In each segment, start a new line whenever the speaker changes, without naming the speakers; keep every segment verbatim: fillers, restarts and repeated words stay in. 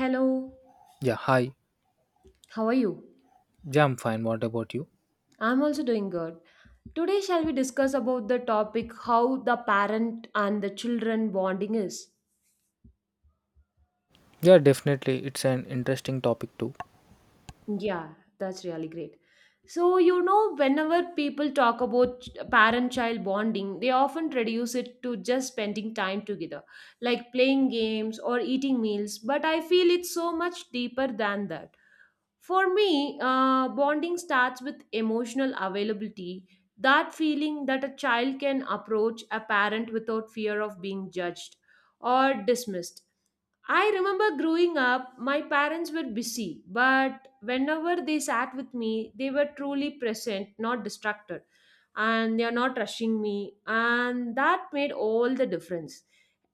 Hello,
Yeah, hi.
how are you?
Yeah, I'm fine. What about you?
I'm also doing good. Today shall we discuss about the topic how the parent and the children bonding is?
Yeah, definitely. It's an interesting topic too.
Yeah, that's really great. So, you know, whenever people talk about ch- parent-child bonding, they often reduce it to just spending time together, like playing games or eating meals, but I feel it's so much deeper than that. For me, uh, bonding starts with emotional availability, that feeling that a child can approach a parent without fear of being judged or dismissed. I remember growing up, my parents were busy, but whenever they sat with me, they were truly present, not distracted, and they are not rushing me, and that made all the difference.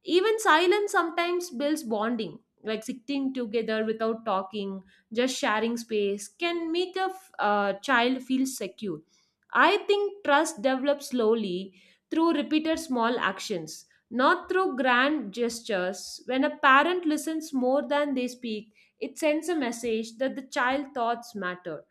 Even silence sometimes builds bonding, like sitting together without talking, just sharing space can make a f- uh, child feel secure. I think trust develops slowly through repeated small actions, not through grand gestures. When a parent listens more than they speak, it sends a message that the child thoughts matter.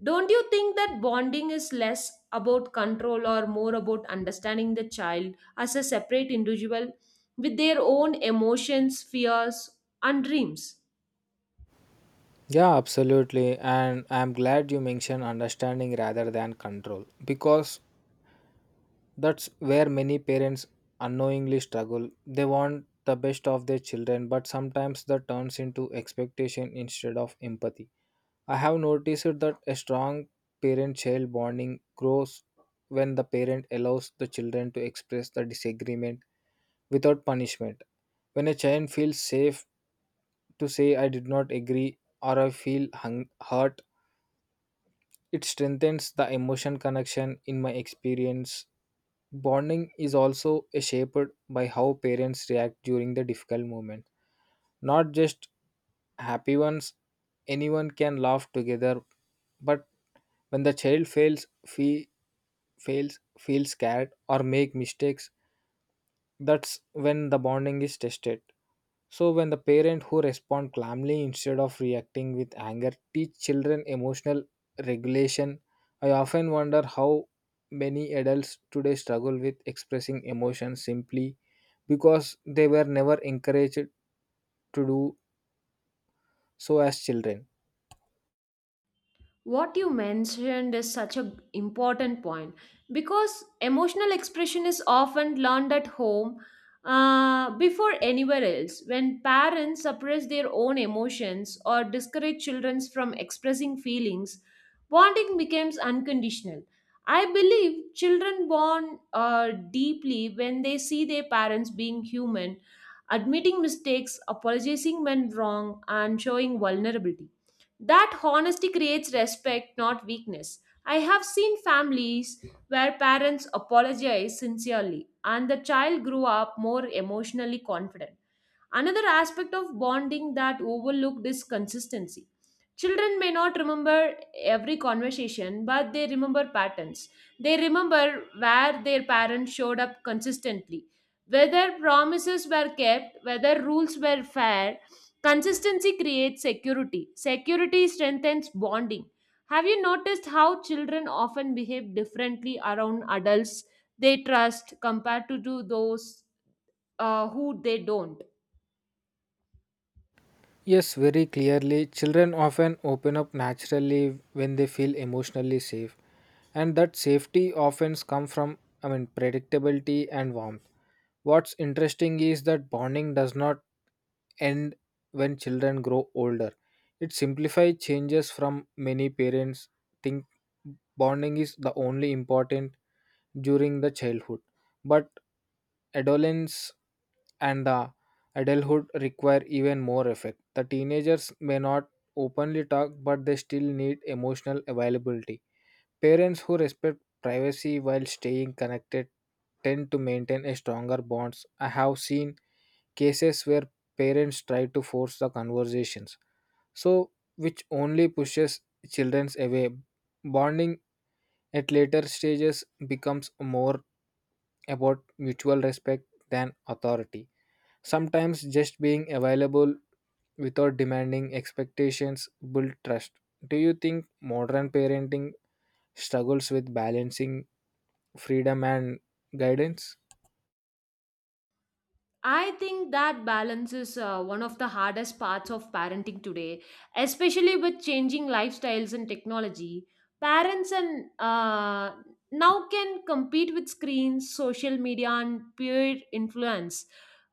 Don't you think that bonding is less about control or more about understanding the child as a separate individual, with their own emotions, fears, and dreams?
Yeah, absolutely. And I'm glad you mentioned understanding rather than control because that's where many parents unknowingly struggle. They want the best of their children, but sometimes that turns into expectation instead of empathy. I have noticed that a strong parent child bonding grows when the parent allows the children to express the disagreement without punishment. When a child feels safe to say, I did not agree or I feel hung- hurt, it strengthens the emotion connection in my experience. Bonding is also shaped by how parents react during the difficult moment, not just happy ones. Anyone can laugh together, but when the child fails, fe- fails, feels scared or make mistakes, that's when the bonding is tested. So when the parent who respond calmly instead of reacting with anger teach children emotional regulation, I often wonder how many adults today struggle with expressing emotions simply because they were never encouraged to do so as children.
What you mentioned is such an important point because emotional expression is often learned at home uh, before anywhere else. When parents suppress their own emotions or discourage children from expressing feelings, bonding becomes unconditional. I believe children bond uh, deeply when they see their parents being human, admitting mistakes, apologizing when wrong, and showing vulnerability. That honesty creates respect, not weakness. I have seen families where parents apologize sincerely and the child grew up more emotionally confident. Another aspect of bonding that overlooked is consistency. Children may not remember every conversation, but they remember patterns. They remember where their parents showed up consistently, whether promises were kept, whether rules were fair. Consistency creates security. Security strengthens bonding. Have you noticed how children often behave differently around adults they trust compared to, to those uh, who they don't?
Yes, very clearly. Children often open up naturally when they feel emotionally safe, and that safety often comes from, I mean, predictability and warmth. What's interesting is that bonding does not end when children grow older. It simplifies changes from many parents think bonding is the only important during the childhood, but adolescence and the adulthood require even more effect. The teenagers may not openly talk, but they still need emotional availability. Parents who respect privacy while staying connected tend to maintain a stronger bonds. I have seen cases where parents try to force the conversations, so which only pushes children away. Bonding at later stages becomes more about mutual respect than authority. Sometimes just being available without demanding expectations build trust. Do you think modern parenting struggles with balancing freedom and guidance?
I think that balance is uh, one of the hardest parts of parenting today, especially with changing lifestyles and technology. Parents and uh, now can compete with screens, social media, and peer influence,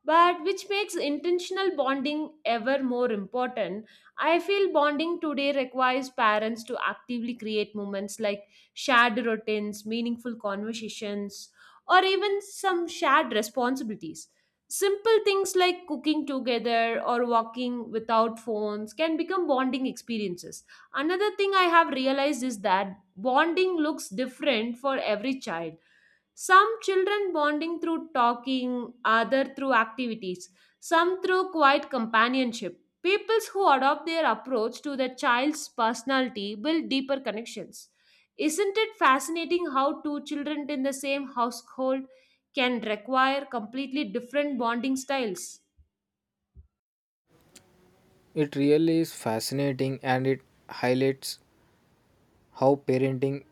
but which makes intentional bonding ever more important. I feel bonding today requires parents to actively create moments like shared routines, meaningful conversations, or even some shared responsibilities. Simple things like cooking together or walking without phones can become bonding experiences. Another thing I have realized is that bonding looks different for every child. Some children bonding through talking, other through activities, some through quiet companionship. Peoples who adopt their approach to their child's personality build deeper connections. Isn't it fascinating how two children in the same household can require completely different bonding styles?
It really is fascinating and it highlights how parenting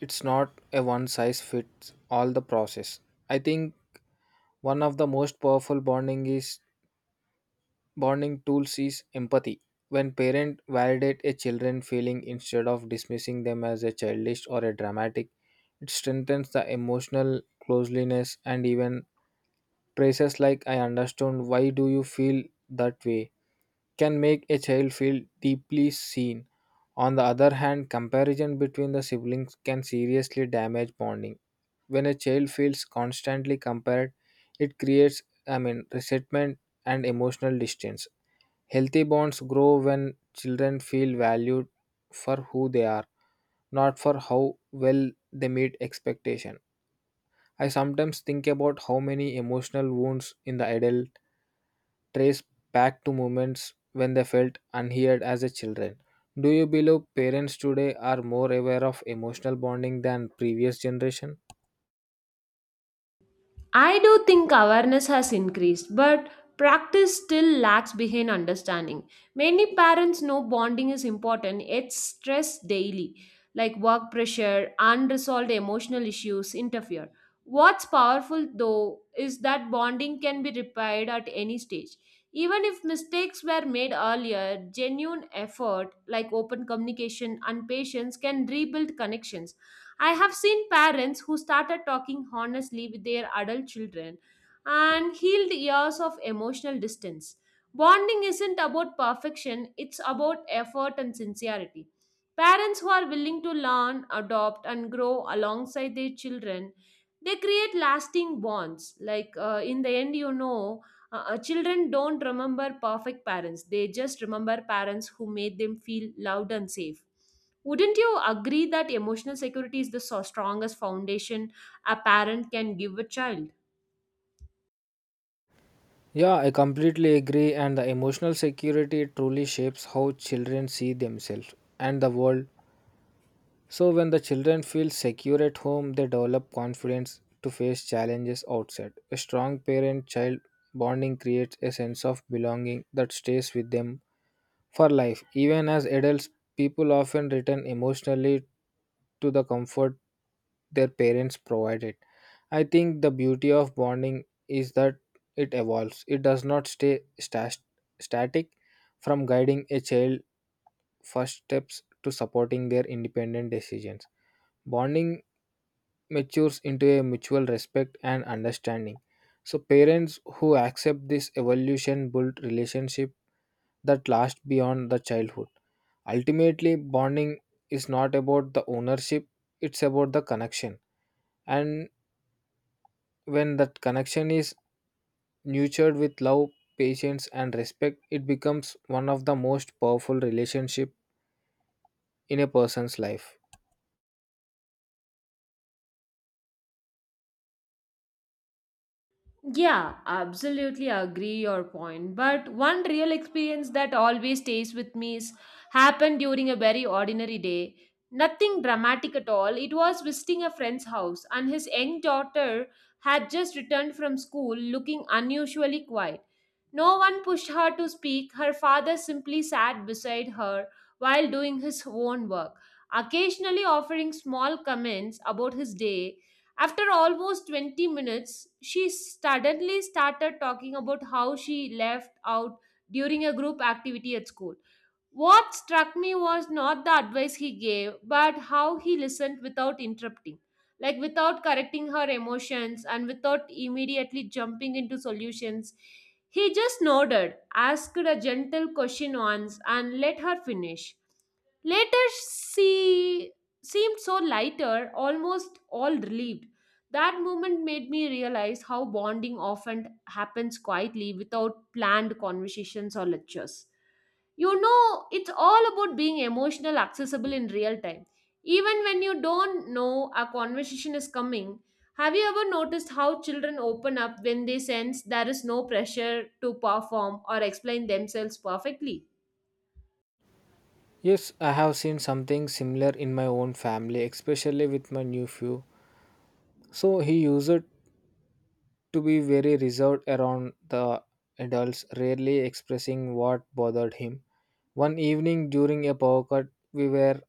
it's not a one size fits all the process. I think one of the most powerful bonding is bonding tools is empathy. When parents validate a children feeling instead of dismissing them as a childish or a dramatic, it strengthens the emotional closeness. And even phrases like I understand why do you feel that way can make a child feel deeply seen. On the other hand, comparison between the siblings can seriously damage bonding. When a child feels constantly compared, it creates, I mean, resentment and emotional distance. Healthy bonds grow when children feel valued for who they are, not for how well they meet expectation. I sometimes think about how many emotional wounds in the adult trace back to moments when they felt unheard as a children. Do you believe parents today are more aware of emotional bonding than previous generation?
I do think awareness has increased, but practice still lags behind understanding. Many parents know bonding is important, yet stress daily, like work pressure, unresolved emotional issues interfere. What's powerful though is that bonding can be repaired at any stage. Even if mistakes were made earlier, genuine effort like open communication and patience can rebuild connections. I have seen parents who started talking honestly with their adult children and healed years of emotional distance. Bonding isn't about perfection, it's about effort and sincerity. Parents who are willing to learn, adopt, and grow alongside their children, they create lasting bonds. Like uh, in the end, you know, uh, uh, children don't remember perfect parents, they just remember parents who made them feel loved and safe. Wouldn't you agree that emotional security is the so strongest foundation a parent can give a child?
Yeah, I completely agree and the emotional security truly shapes how children see themselves and the world. So when the children feel secure at home, they develop confidence to face challenges outside. A strong parent-child bonding creates a sense of belonging that stays with them for life, even as adults, people often return emotionally to the comfort their parents provided. I think the beauty of bonding is that it evolves. It does not stay stas- static from guiding a child first steps to supporting their independent decisions. Bonding matures into a mutual respect and understanding. So parents who accept this evolution build relationship that last beyond the childhood. Ultimately, bonding is not about the ownership, it's about the connection. And when that connection is nurtured with love, patience, and respect, it becomes one of the most powerful relationship in a person's life.
Yeah, absolutely agree your point. But one real experience that always stays with me is happened during a very ordinary day. Nothing dramatic at all. It was visiting a friend's house, and his young daughter had just returned from school looking unusually quiet. No one pushed her to speak. Her father simply sat beside her while doing his own work, occasionally offering small comments about his day. After almost twenty minutes, she suddenly started talking about how she left out during a group activity at school. What struck me was not the advice he gave, but how he listened without interrupting, like without correcting her emotions and without immediately jumping into solutions. He just nodded, asked a gentle question once, and let her finish. Later, she seemed so lighter, almost all relieved. That moment made me realize how bonding often happens quietly without planned conversations or lectures. You know it's all about being emotional accessible in real time, even when you don't know a conversation is coming. Have you ever noticed how children open up when they sense there is no pressure to perform or explain themselves perfectly?
Yes, I have seen something similar in my own family, especially with my nephew. So he used to be very reserved around the adults, rarely expressing what bothered him. One evening during a power cut, we were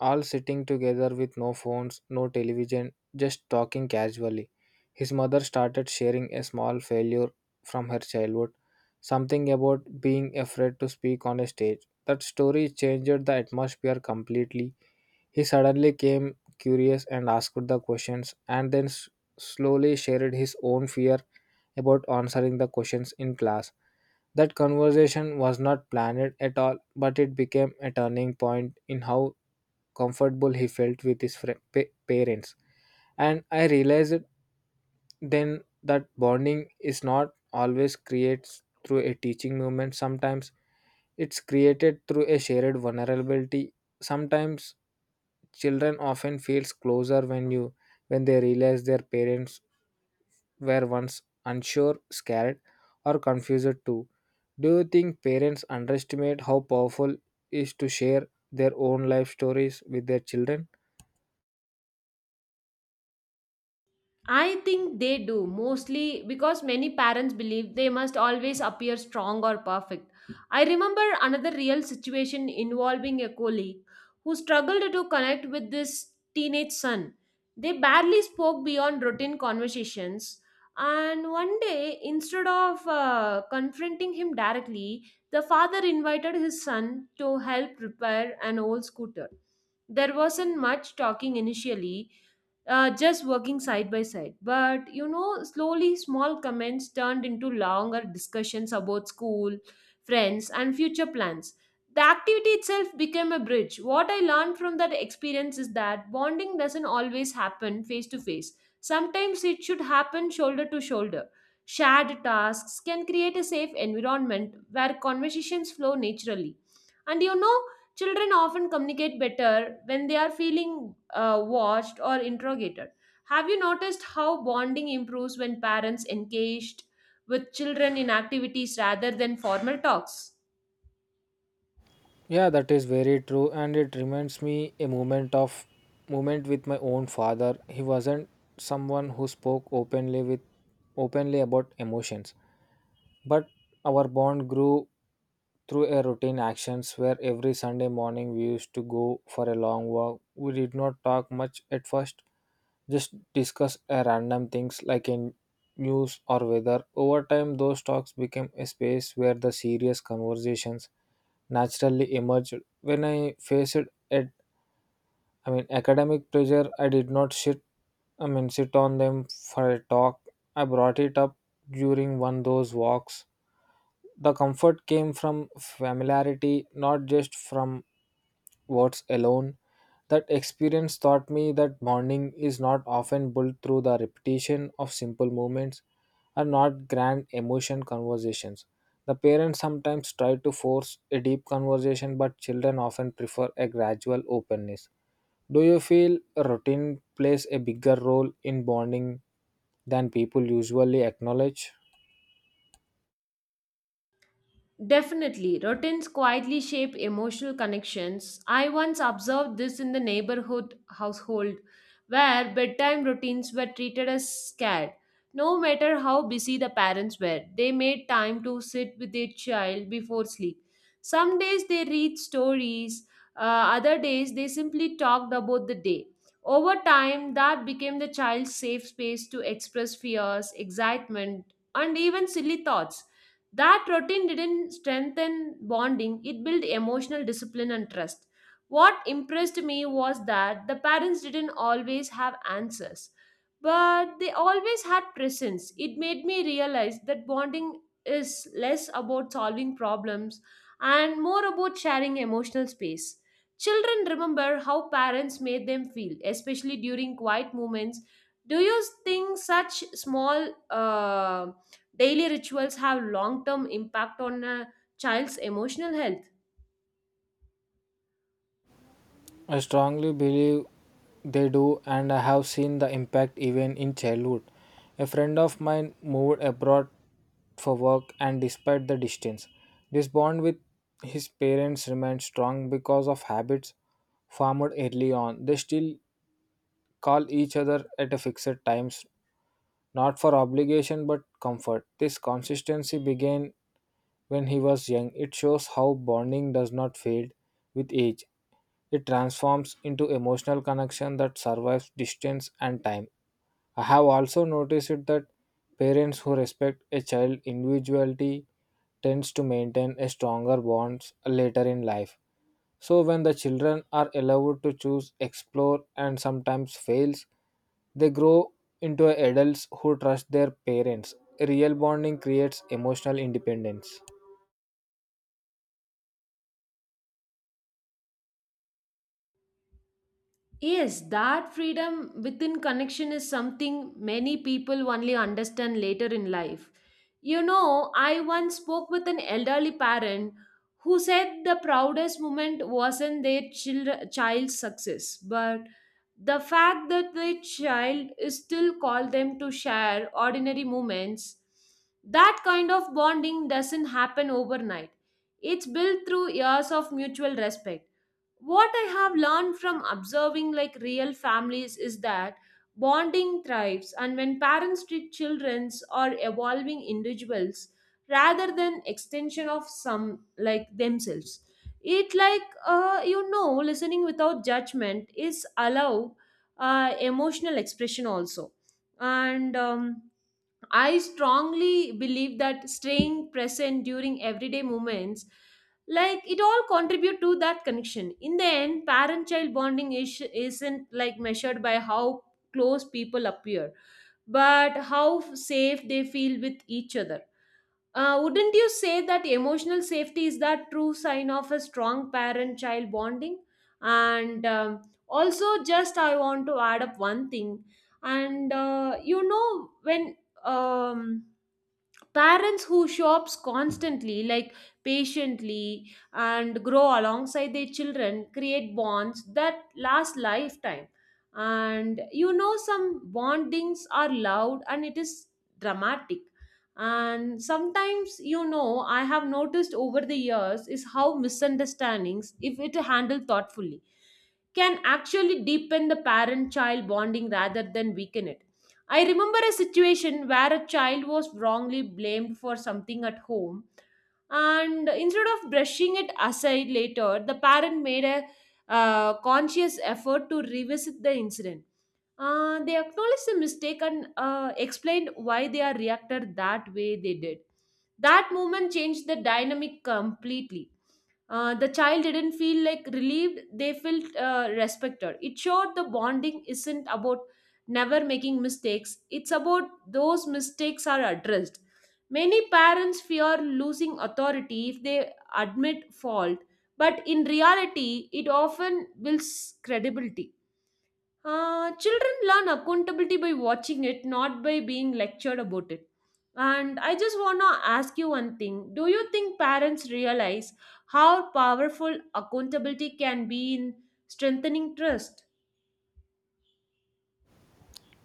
all sitting together with no phones, no television, just talking casually. His mother started sharing a small failure from her childhood, something about being afraid to speak on a stage. That story changed the atmosphere completely. He suddenly came curious and asked the questions, and then s- slowly shared his own fear about answering the questions in class. That conversation was not planned at all, but it became a turning point in how comfortable he felt with his fri- pa- parents. And I realized then that bonding is not always creates through a teaching moment. Sometimes it's created through a shared vulnerability. Sometimes children often feels closer when you when they realize their parents were once unsure, scared, or confused too. Do you think parents underestimate how powerful is to share their own life stories with their children?
I think they do mostly because many parents believe they must always appear strong or perfect. I remember another real situation involving a colleague who struggled to connect with this teenage son. They barely spoke beyond routine conversations, and one day, instead of uh, confronting him directly, the father invited his son to help repair an old scooter. There wasn't much talking initially, uh, just working side by side. But you know, slowly small comments turned into longer discussions about school, friends, and future plans. The activity itself became a bridge. What I learned from that experience is that bonding doesn't always happen face to face. Sometimes it should happen shoulder to shoulder. Shared tasks can create a safe environment where conversations flow naturally. And you know, Children often communicate better when they are feeling uh, watched or interrogated. Have you noticed how bonding improves when parents engaged with children in activities rather than formal talks?
Yeah, that is very true, and it reminds me a moment of moment with my own father. He wasn't someone who spoke openly with openly about emotions. But our bond grew through a routine actions where every Sunday morning we used to go for a long walk. We did not talk much at first, just discuss a random things like in news or weather. Over time, those talks became a space where the serious conversations naturally emerged. When I faced at I mean academic pressure, I did not sit I mean sit on them for a talk. I brought it up during one of those walks. The comfort came from familiarity, not just from words alone. That experience taught me that bonding is not often built through the repetition of simple movements and not grand emotion conversations. The parents sometimes try to force a deep conversation, but children often prefer a gradual openness. Do you feel routine plays a bigger role in bonding than people usually acknowledge?
Definitely, routines quietly shape emotional connections. I once observed this in the neighborhood household where bedtime routines were treated as scared. No matter how busy the parents were, they made time to sit with their child before sleep. Some days they read stories, uh, other days they simply talked about the day. Over time, that became the child's safe space to express fears, excitement, and even silly thoughts. That routine didn't strengthen bonding, it built emotional discipline and trust. What impressed me was that the parents didn't always have answers, but they always had presence. It made me realize that bonding is less about solving problems and more about sharing emotional space. Children remember how parents made them feel, especially during quiet moments. Do you think such small uh, daily rituals have long term impact on a child's emotional health?
I strongly believe they do, and I have seen the impact even in childhood. A friend of mine moved abroad for work, and despite the distance, this bond with his parents remained strong because of habits formed early on. They still call each other at a fixed times, not for obligation but comfort. This consistency began when he was young. It shows how bonding does not fade with age. It transforms into emotional connection that survives distance and time. I have also noticed it that parents who respect a child's individuality tends to maintain a stronger bonds later in life. So when the children are allowed to choose, explore and sometimes fails, they grow into adults who trust their parents. Real bonding creates emotional independence.
Yes, that freedom within connection is something many people only understand later in life. You know, I once spoke with an elderly parent who said the proudest moment wasn't their child, child's success, but the fact that their child is still called them to share ordinary moments. That kind of bonding doesn't happen overnight. It's built through years of mutual respect. What I have learned from observing like real families is that bonding thrives and when parents treat children or evolving individuals rather than extension of some like themselves. It like uh, you know listening without judgment is allow uh, emotional expression also, and um, I strongly believe that staying present during everyday moments, like it all contribute to that connection. In the end, parent-child bonding is, isn't like measured by how close people appear, but how safe they feel with each other. Uh, wouldn't you say that emotional safety is that true sign of a strong parent child bonding? And um, also, just I want to add up one thing. And uh, you know, when um, parents who shops constantly, like patiently, and grow alongside their children, create bonds that last lifetime. And you know, some bondings are loud and it is dramatic, and sometimes you know I have noticed over the years is how misunderstandings, if it handled thoughtfully, can actually deepen the parent child bonding rather than weaken it. I remember a situation where a child was wrongly blamed for something at home, and instead of brushing it aside later, the parent made a uh, conscious effort to revisit the incident. Uh, they acknowledged the mistake and uh, explained why they are reacted that way they did. That movement changed the dynamic completely. Uh, the child didn't feel like relieved, they felt uh, respected. It showed the bonding isn't about never making mistakes, it's about those mistakes are addressed. Many parents fear losing authority if they admit fault, but in reality, it often builds credibility. Uh, children learn accountability by watching it, not by being lectured about it. And I just want to ask you one thing. Do you think parents realize how powerful accountability can be in strengthening trust?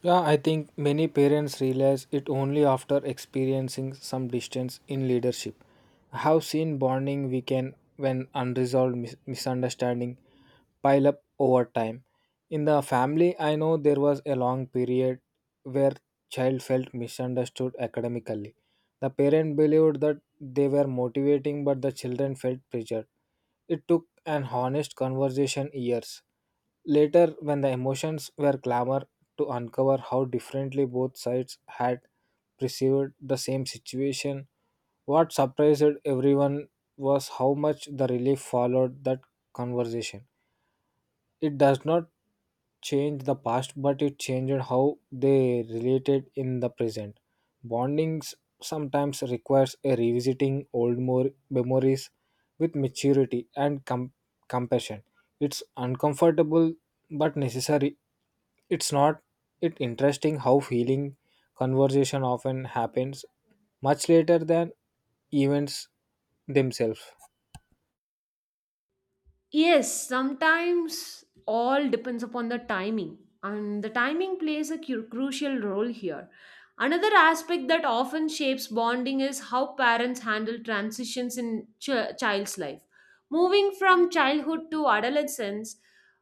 Yeah, I think many parents realize it only after experiencing some distance in leadership. I have seen bonding weaken when unresolved mis- misunderstanding pile up over time. In the family, I know there was a long period where child felt misunderstood academically. The parent believed that they were motivating, but the children felt pressured. It took an honest conversation years later, when the emotions were clamored to uncover how differently both sides had perceived the same situation. What surprised everyone was how much the relief followed that conversation. It does not change the past but it changed how they related in the present. Bondings sometimes requires a revisiting old more memories with maturity and com- compassion. It's uncomfortable but necessary. It's not it interesting how healing conversation often happens much later than events themselves.
Yes, sometimes all depends upon the timing, and the timing plays a cu- crucial role here. Another aspect that often shapes bonding is how parents handle transitions in ch- child's life. Moving from childhood to adolescence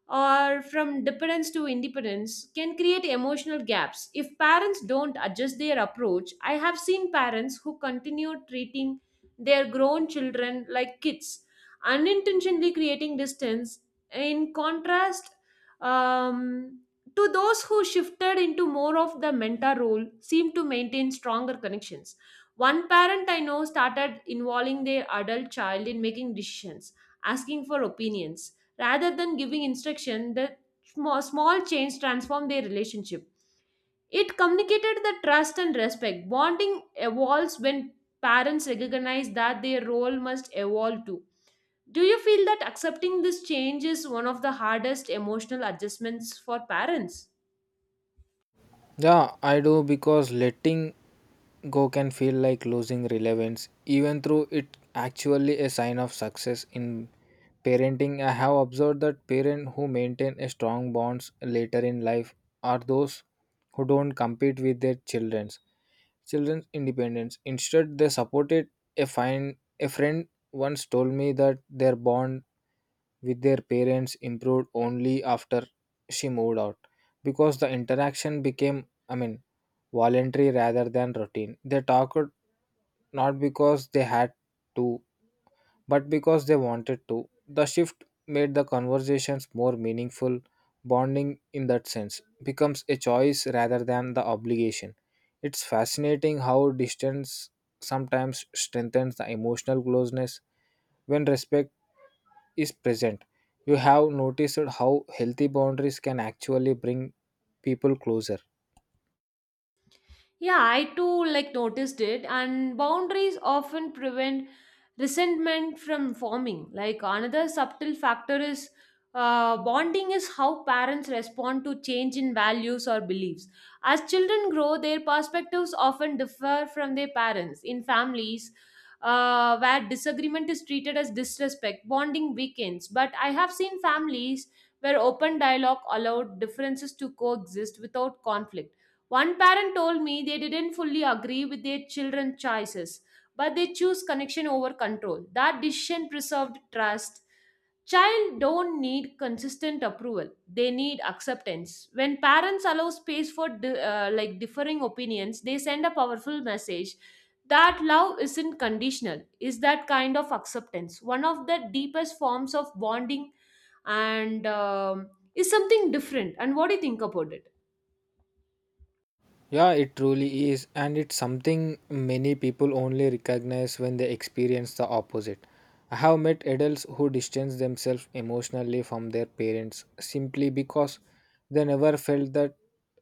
or from dependence to independence can create emotional gaps. If parents don't adjust their approach, I have seen parents who continue treating their grown children like kids, unintentionally creating distance. In contrast, um, to those who shifted into more of the mentor role seem to maintain stronger connections. One parent I know started involving their adult child in making decisions, asking for opinions rather than giving instruction. That small, small change transformed their relationship. It communicated the trust and respect. Bonding evolves when parents recognize that their role must evolve too. Do you feel that accepting this change is one of the hardest emotional adjustments for parents?
Yeah, I do because letting go can feel like losing relevance, even though it actually a sign of success in parenting. I have observed that parents who maintain a strong bonds later in life are those who don't compete with their children children's independence. Instead, they supported a fine. A friend once told me that their bond with their parents improved only after she moved out because the interaction became, I mean, voluntary rather than routine. They talked not because they had to, but because they wanted to. The shift made the conversations more meaningful. Bonding, in that sense, becomes a choice rather than the obligation. It's fascinating how distance sometimes strengthens the emotional closeness when respect is present. You have noticed how healthy boundaries can actually bring people closer.
Yeah, I too like noticed it, and boundaries often prevent resentment from forming. Like, another subtle factor is, uh, bonding is how parents respond to change in values or beliefs. As children grow, their perspectives often differ from their parents. In families uh, where disagreement is treated as disrespect, bonding weakens. But I have seen families where open dialogue allowed differences to coexist without conflict. One parent told me they didn't fully agree with their children's choices, but they choose connection over control. That decision preserved trust. Child don't need consistent approval. They need acceptance. When parents allow space for di- uh, like differing opinions, they send a powerful message that love isn't conditional. Is that kind of acceptance one of the deepest forms of bonding, and um, is something different? And what do you think about it?
Yeah, it truly is, and it's something many people only recognize when they experience the opposite. I have met adults who distance themselves emotionally from their parents simply because they never felt that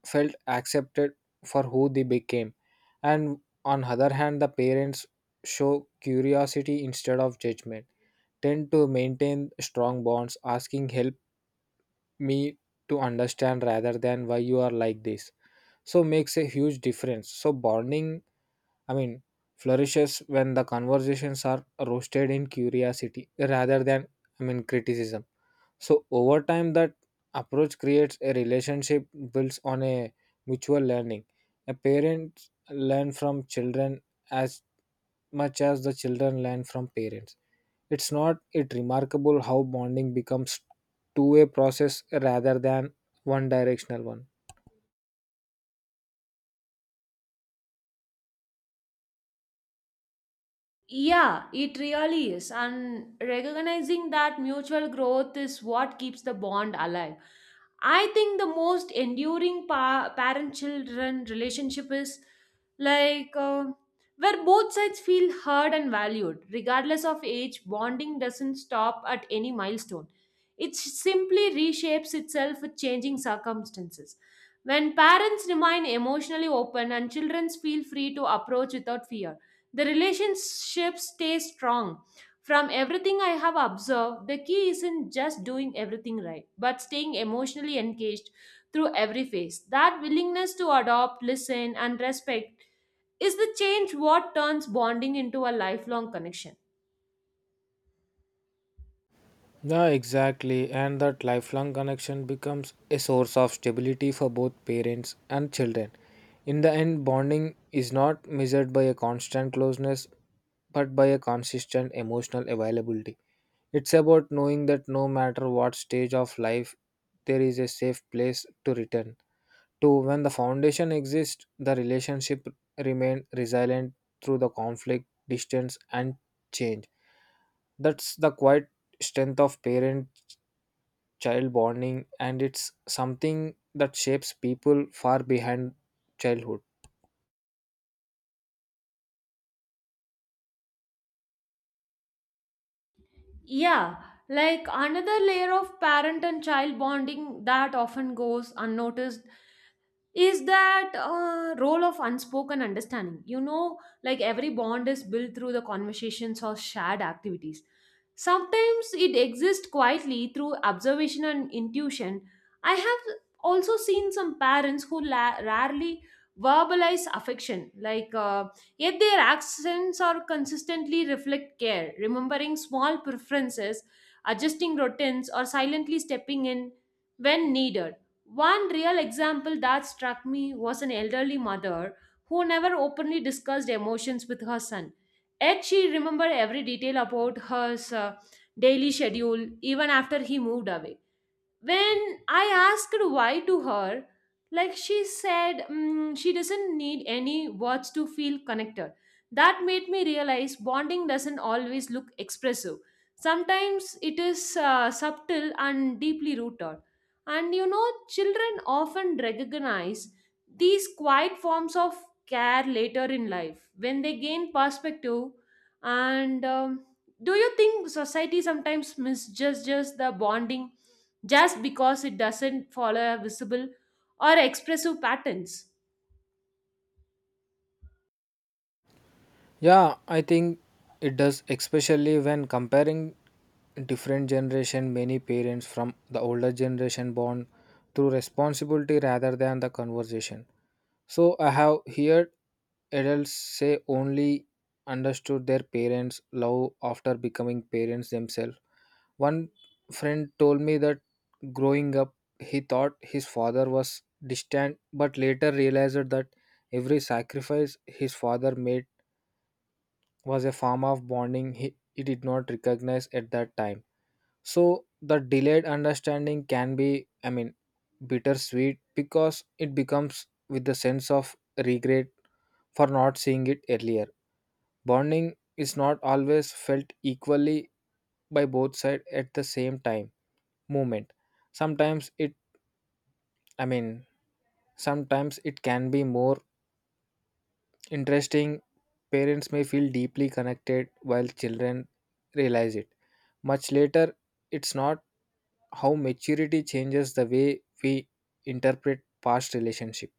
felt accepted for who they became. And on other hand, the parents show curiosity instead of judgment, tend to maintain strong bonds, asking help me to understand rather than why you are like this so makes a huge difference. So bonding, I mean, flourishes when the conversations are roasted in curiosity rather than, I mean, criticism. So over time that approach creates a relationship builds on a mutual learning. A parent learn from children as much as the children learn from parents. It's not it remarkable how bonding becomes two way process rather than one directional one.
Yeah, it really is. And recognizing that mutual growth is what keeps the bond alive. I think the most enduring pa- parent children relationship is like, uh, where both sides feel heard and valued. Regardless of age, bonding doesn't stop at any milestone, it simply reshapes itself with changing circumstances. When parents remain emotionally open and children feel free to approach without fear, the relationship stays strong. From everything I have observed, the key isn't just doing everything right, but staying emotionally engaged through every phase. That willingness to adopt, listen, and respect is the change what turns bonding into a lifelong connection.
Yeah, exactly. And that lifelong connection becomes a source of stability for both parents and children. In the end, bonding is not measured by a constant closeness, but by a consistent emotional availability. It's about knowing that no matter what stage of life, there is a safe place to return to. When the foundation exists, the relationship remain resilient through the conflict, distance, and change. That's the quiet strength of parent child bonding and it's something that shapes people far behind childhood.
Yeah, like another layer of parent and child bonding that often goes unnoticed is that uh, role of unspoken understanding, you know, like every bond is built through the conversations or shared activities. Sometimes it exists quietly through observation and intuition. I have also seen some parents who la- rarely verbalize affection, like, uh, yet their accents are consistently reflect care, remembering small preferences, adjusting routines, or silently stepping in when needed. One real example that struck me was an elderly mother who never openly discussed emotions with her son. Yet she remembered every detail about her uh, daily schedule even after he moved away. When I asked why to her, like she said, "Mm, she doesn't need any words to feel connected." That made me realize bonding doesn't always look expressive. Sometimes it is uh, subtle and deeply rooted. And you know, children often recognize these quiet forms of care later in life when they gain perspective. And um, do you think society sometimes misjudges the bonding? Just because it doesn't follow visible or expressive patterns.
Yeah, I think it does, especially when comparing different generation. Many parents from the older generation bond through responsibility rather than the conversation. So I have heard adults say only understood their parents love after becoming parents themselves. One friend told me that growing up, he thought his father was distant, but later realized that every sacrifice his father made was a form of bonding he, he did not recognize at that time. So, the delayed understanding can be, I mean, bittersweet because it becomes with the sense of regret for not seeing it earlier. Bonding is not always felt equally by both sides at the same time movement. Sometimes it, I mean, sometimes it can be more interesting. Parents may feel deeply connected while children realize it. Much later, it's not how maturity changes the way we interpret past relationship.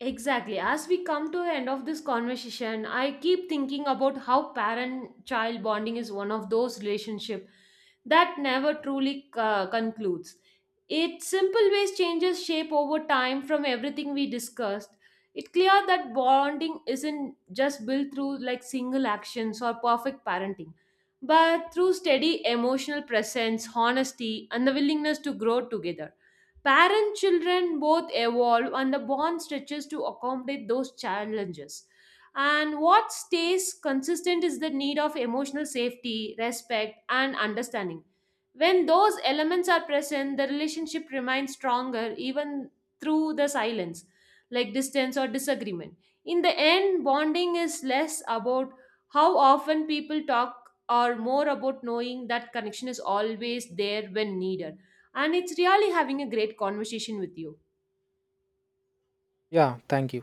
Exactly. As we come to the end of this conversation, I keep thinking about how parent-child bonding is one of those relationships that never truly uh, concludes. Its simple ways changes shape over time. From everything we discussed, it's clear that bonding isn't just built through like single actions or perfect parenting, but through steady emotional presence, honesty, and the willingness to grow together. Parent children both evolve and the bond stretches to accommodate those challenges. And what stays consistent is the need of emotional safety, respect, and understanding. When those elements are present, the relationship remains stronger even through the silence, like distance or disagreement. In the end, bonding is less about how often people talk or more about knowing that connection is always there when needed. And it's really having a great conversation with you.
Yeah, thank you.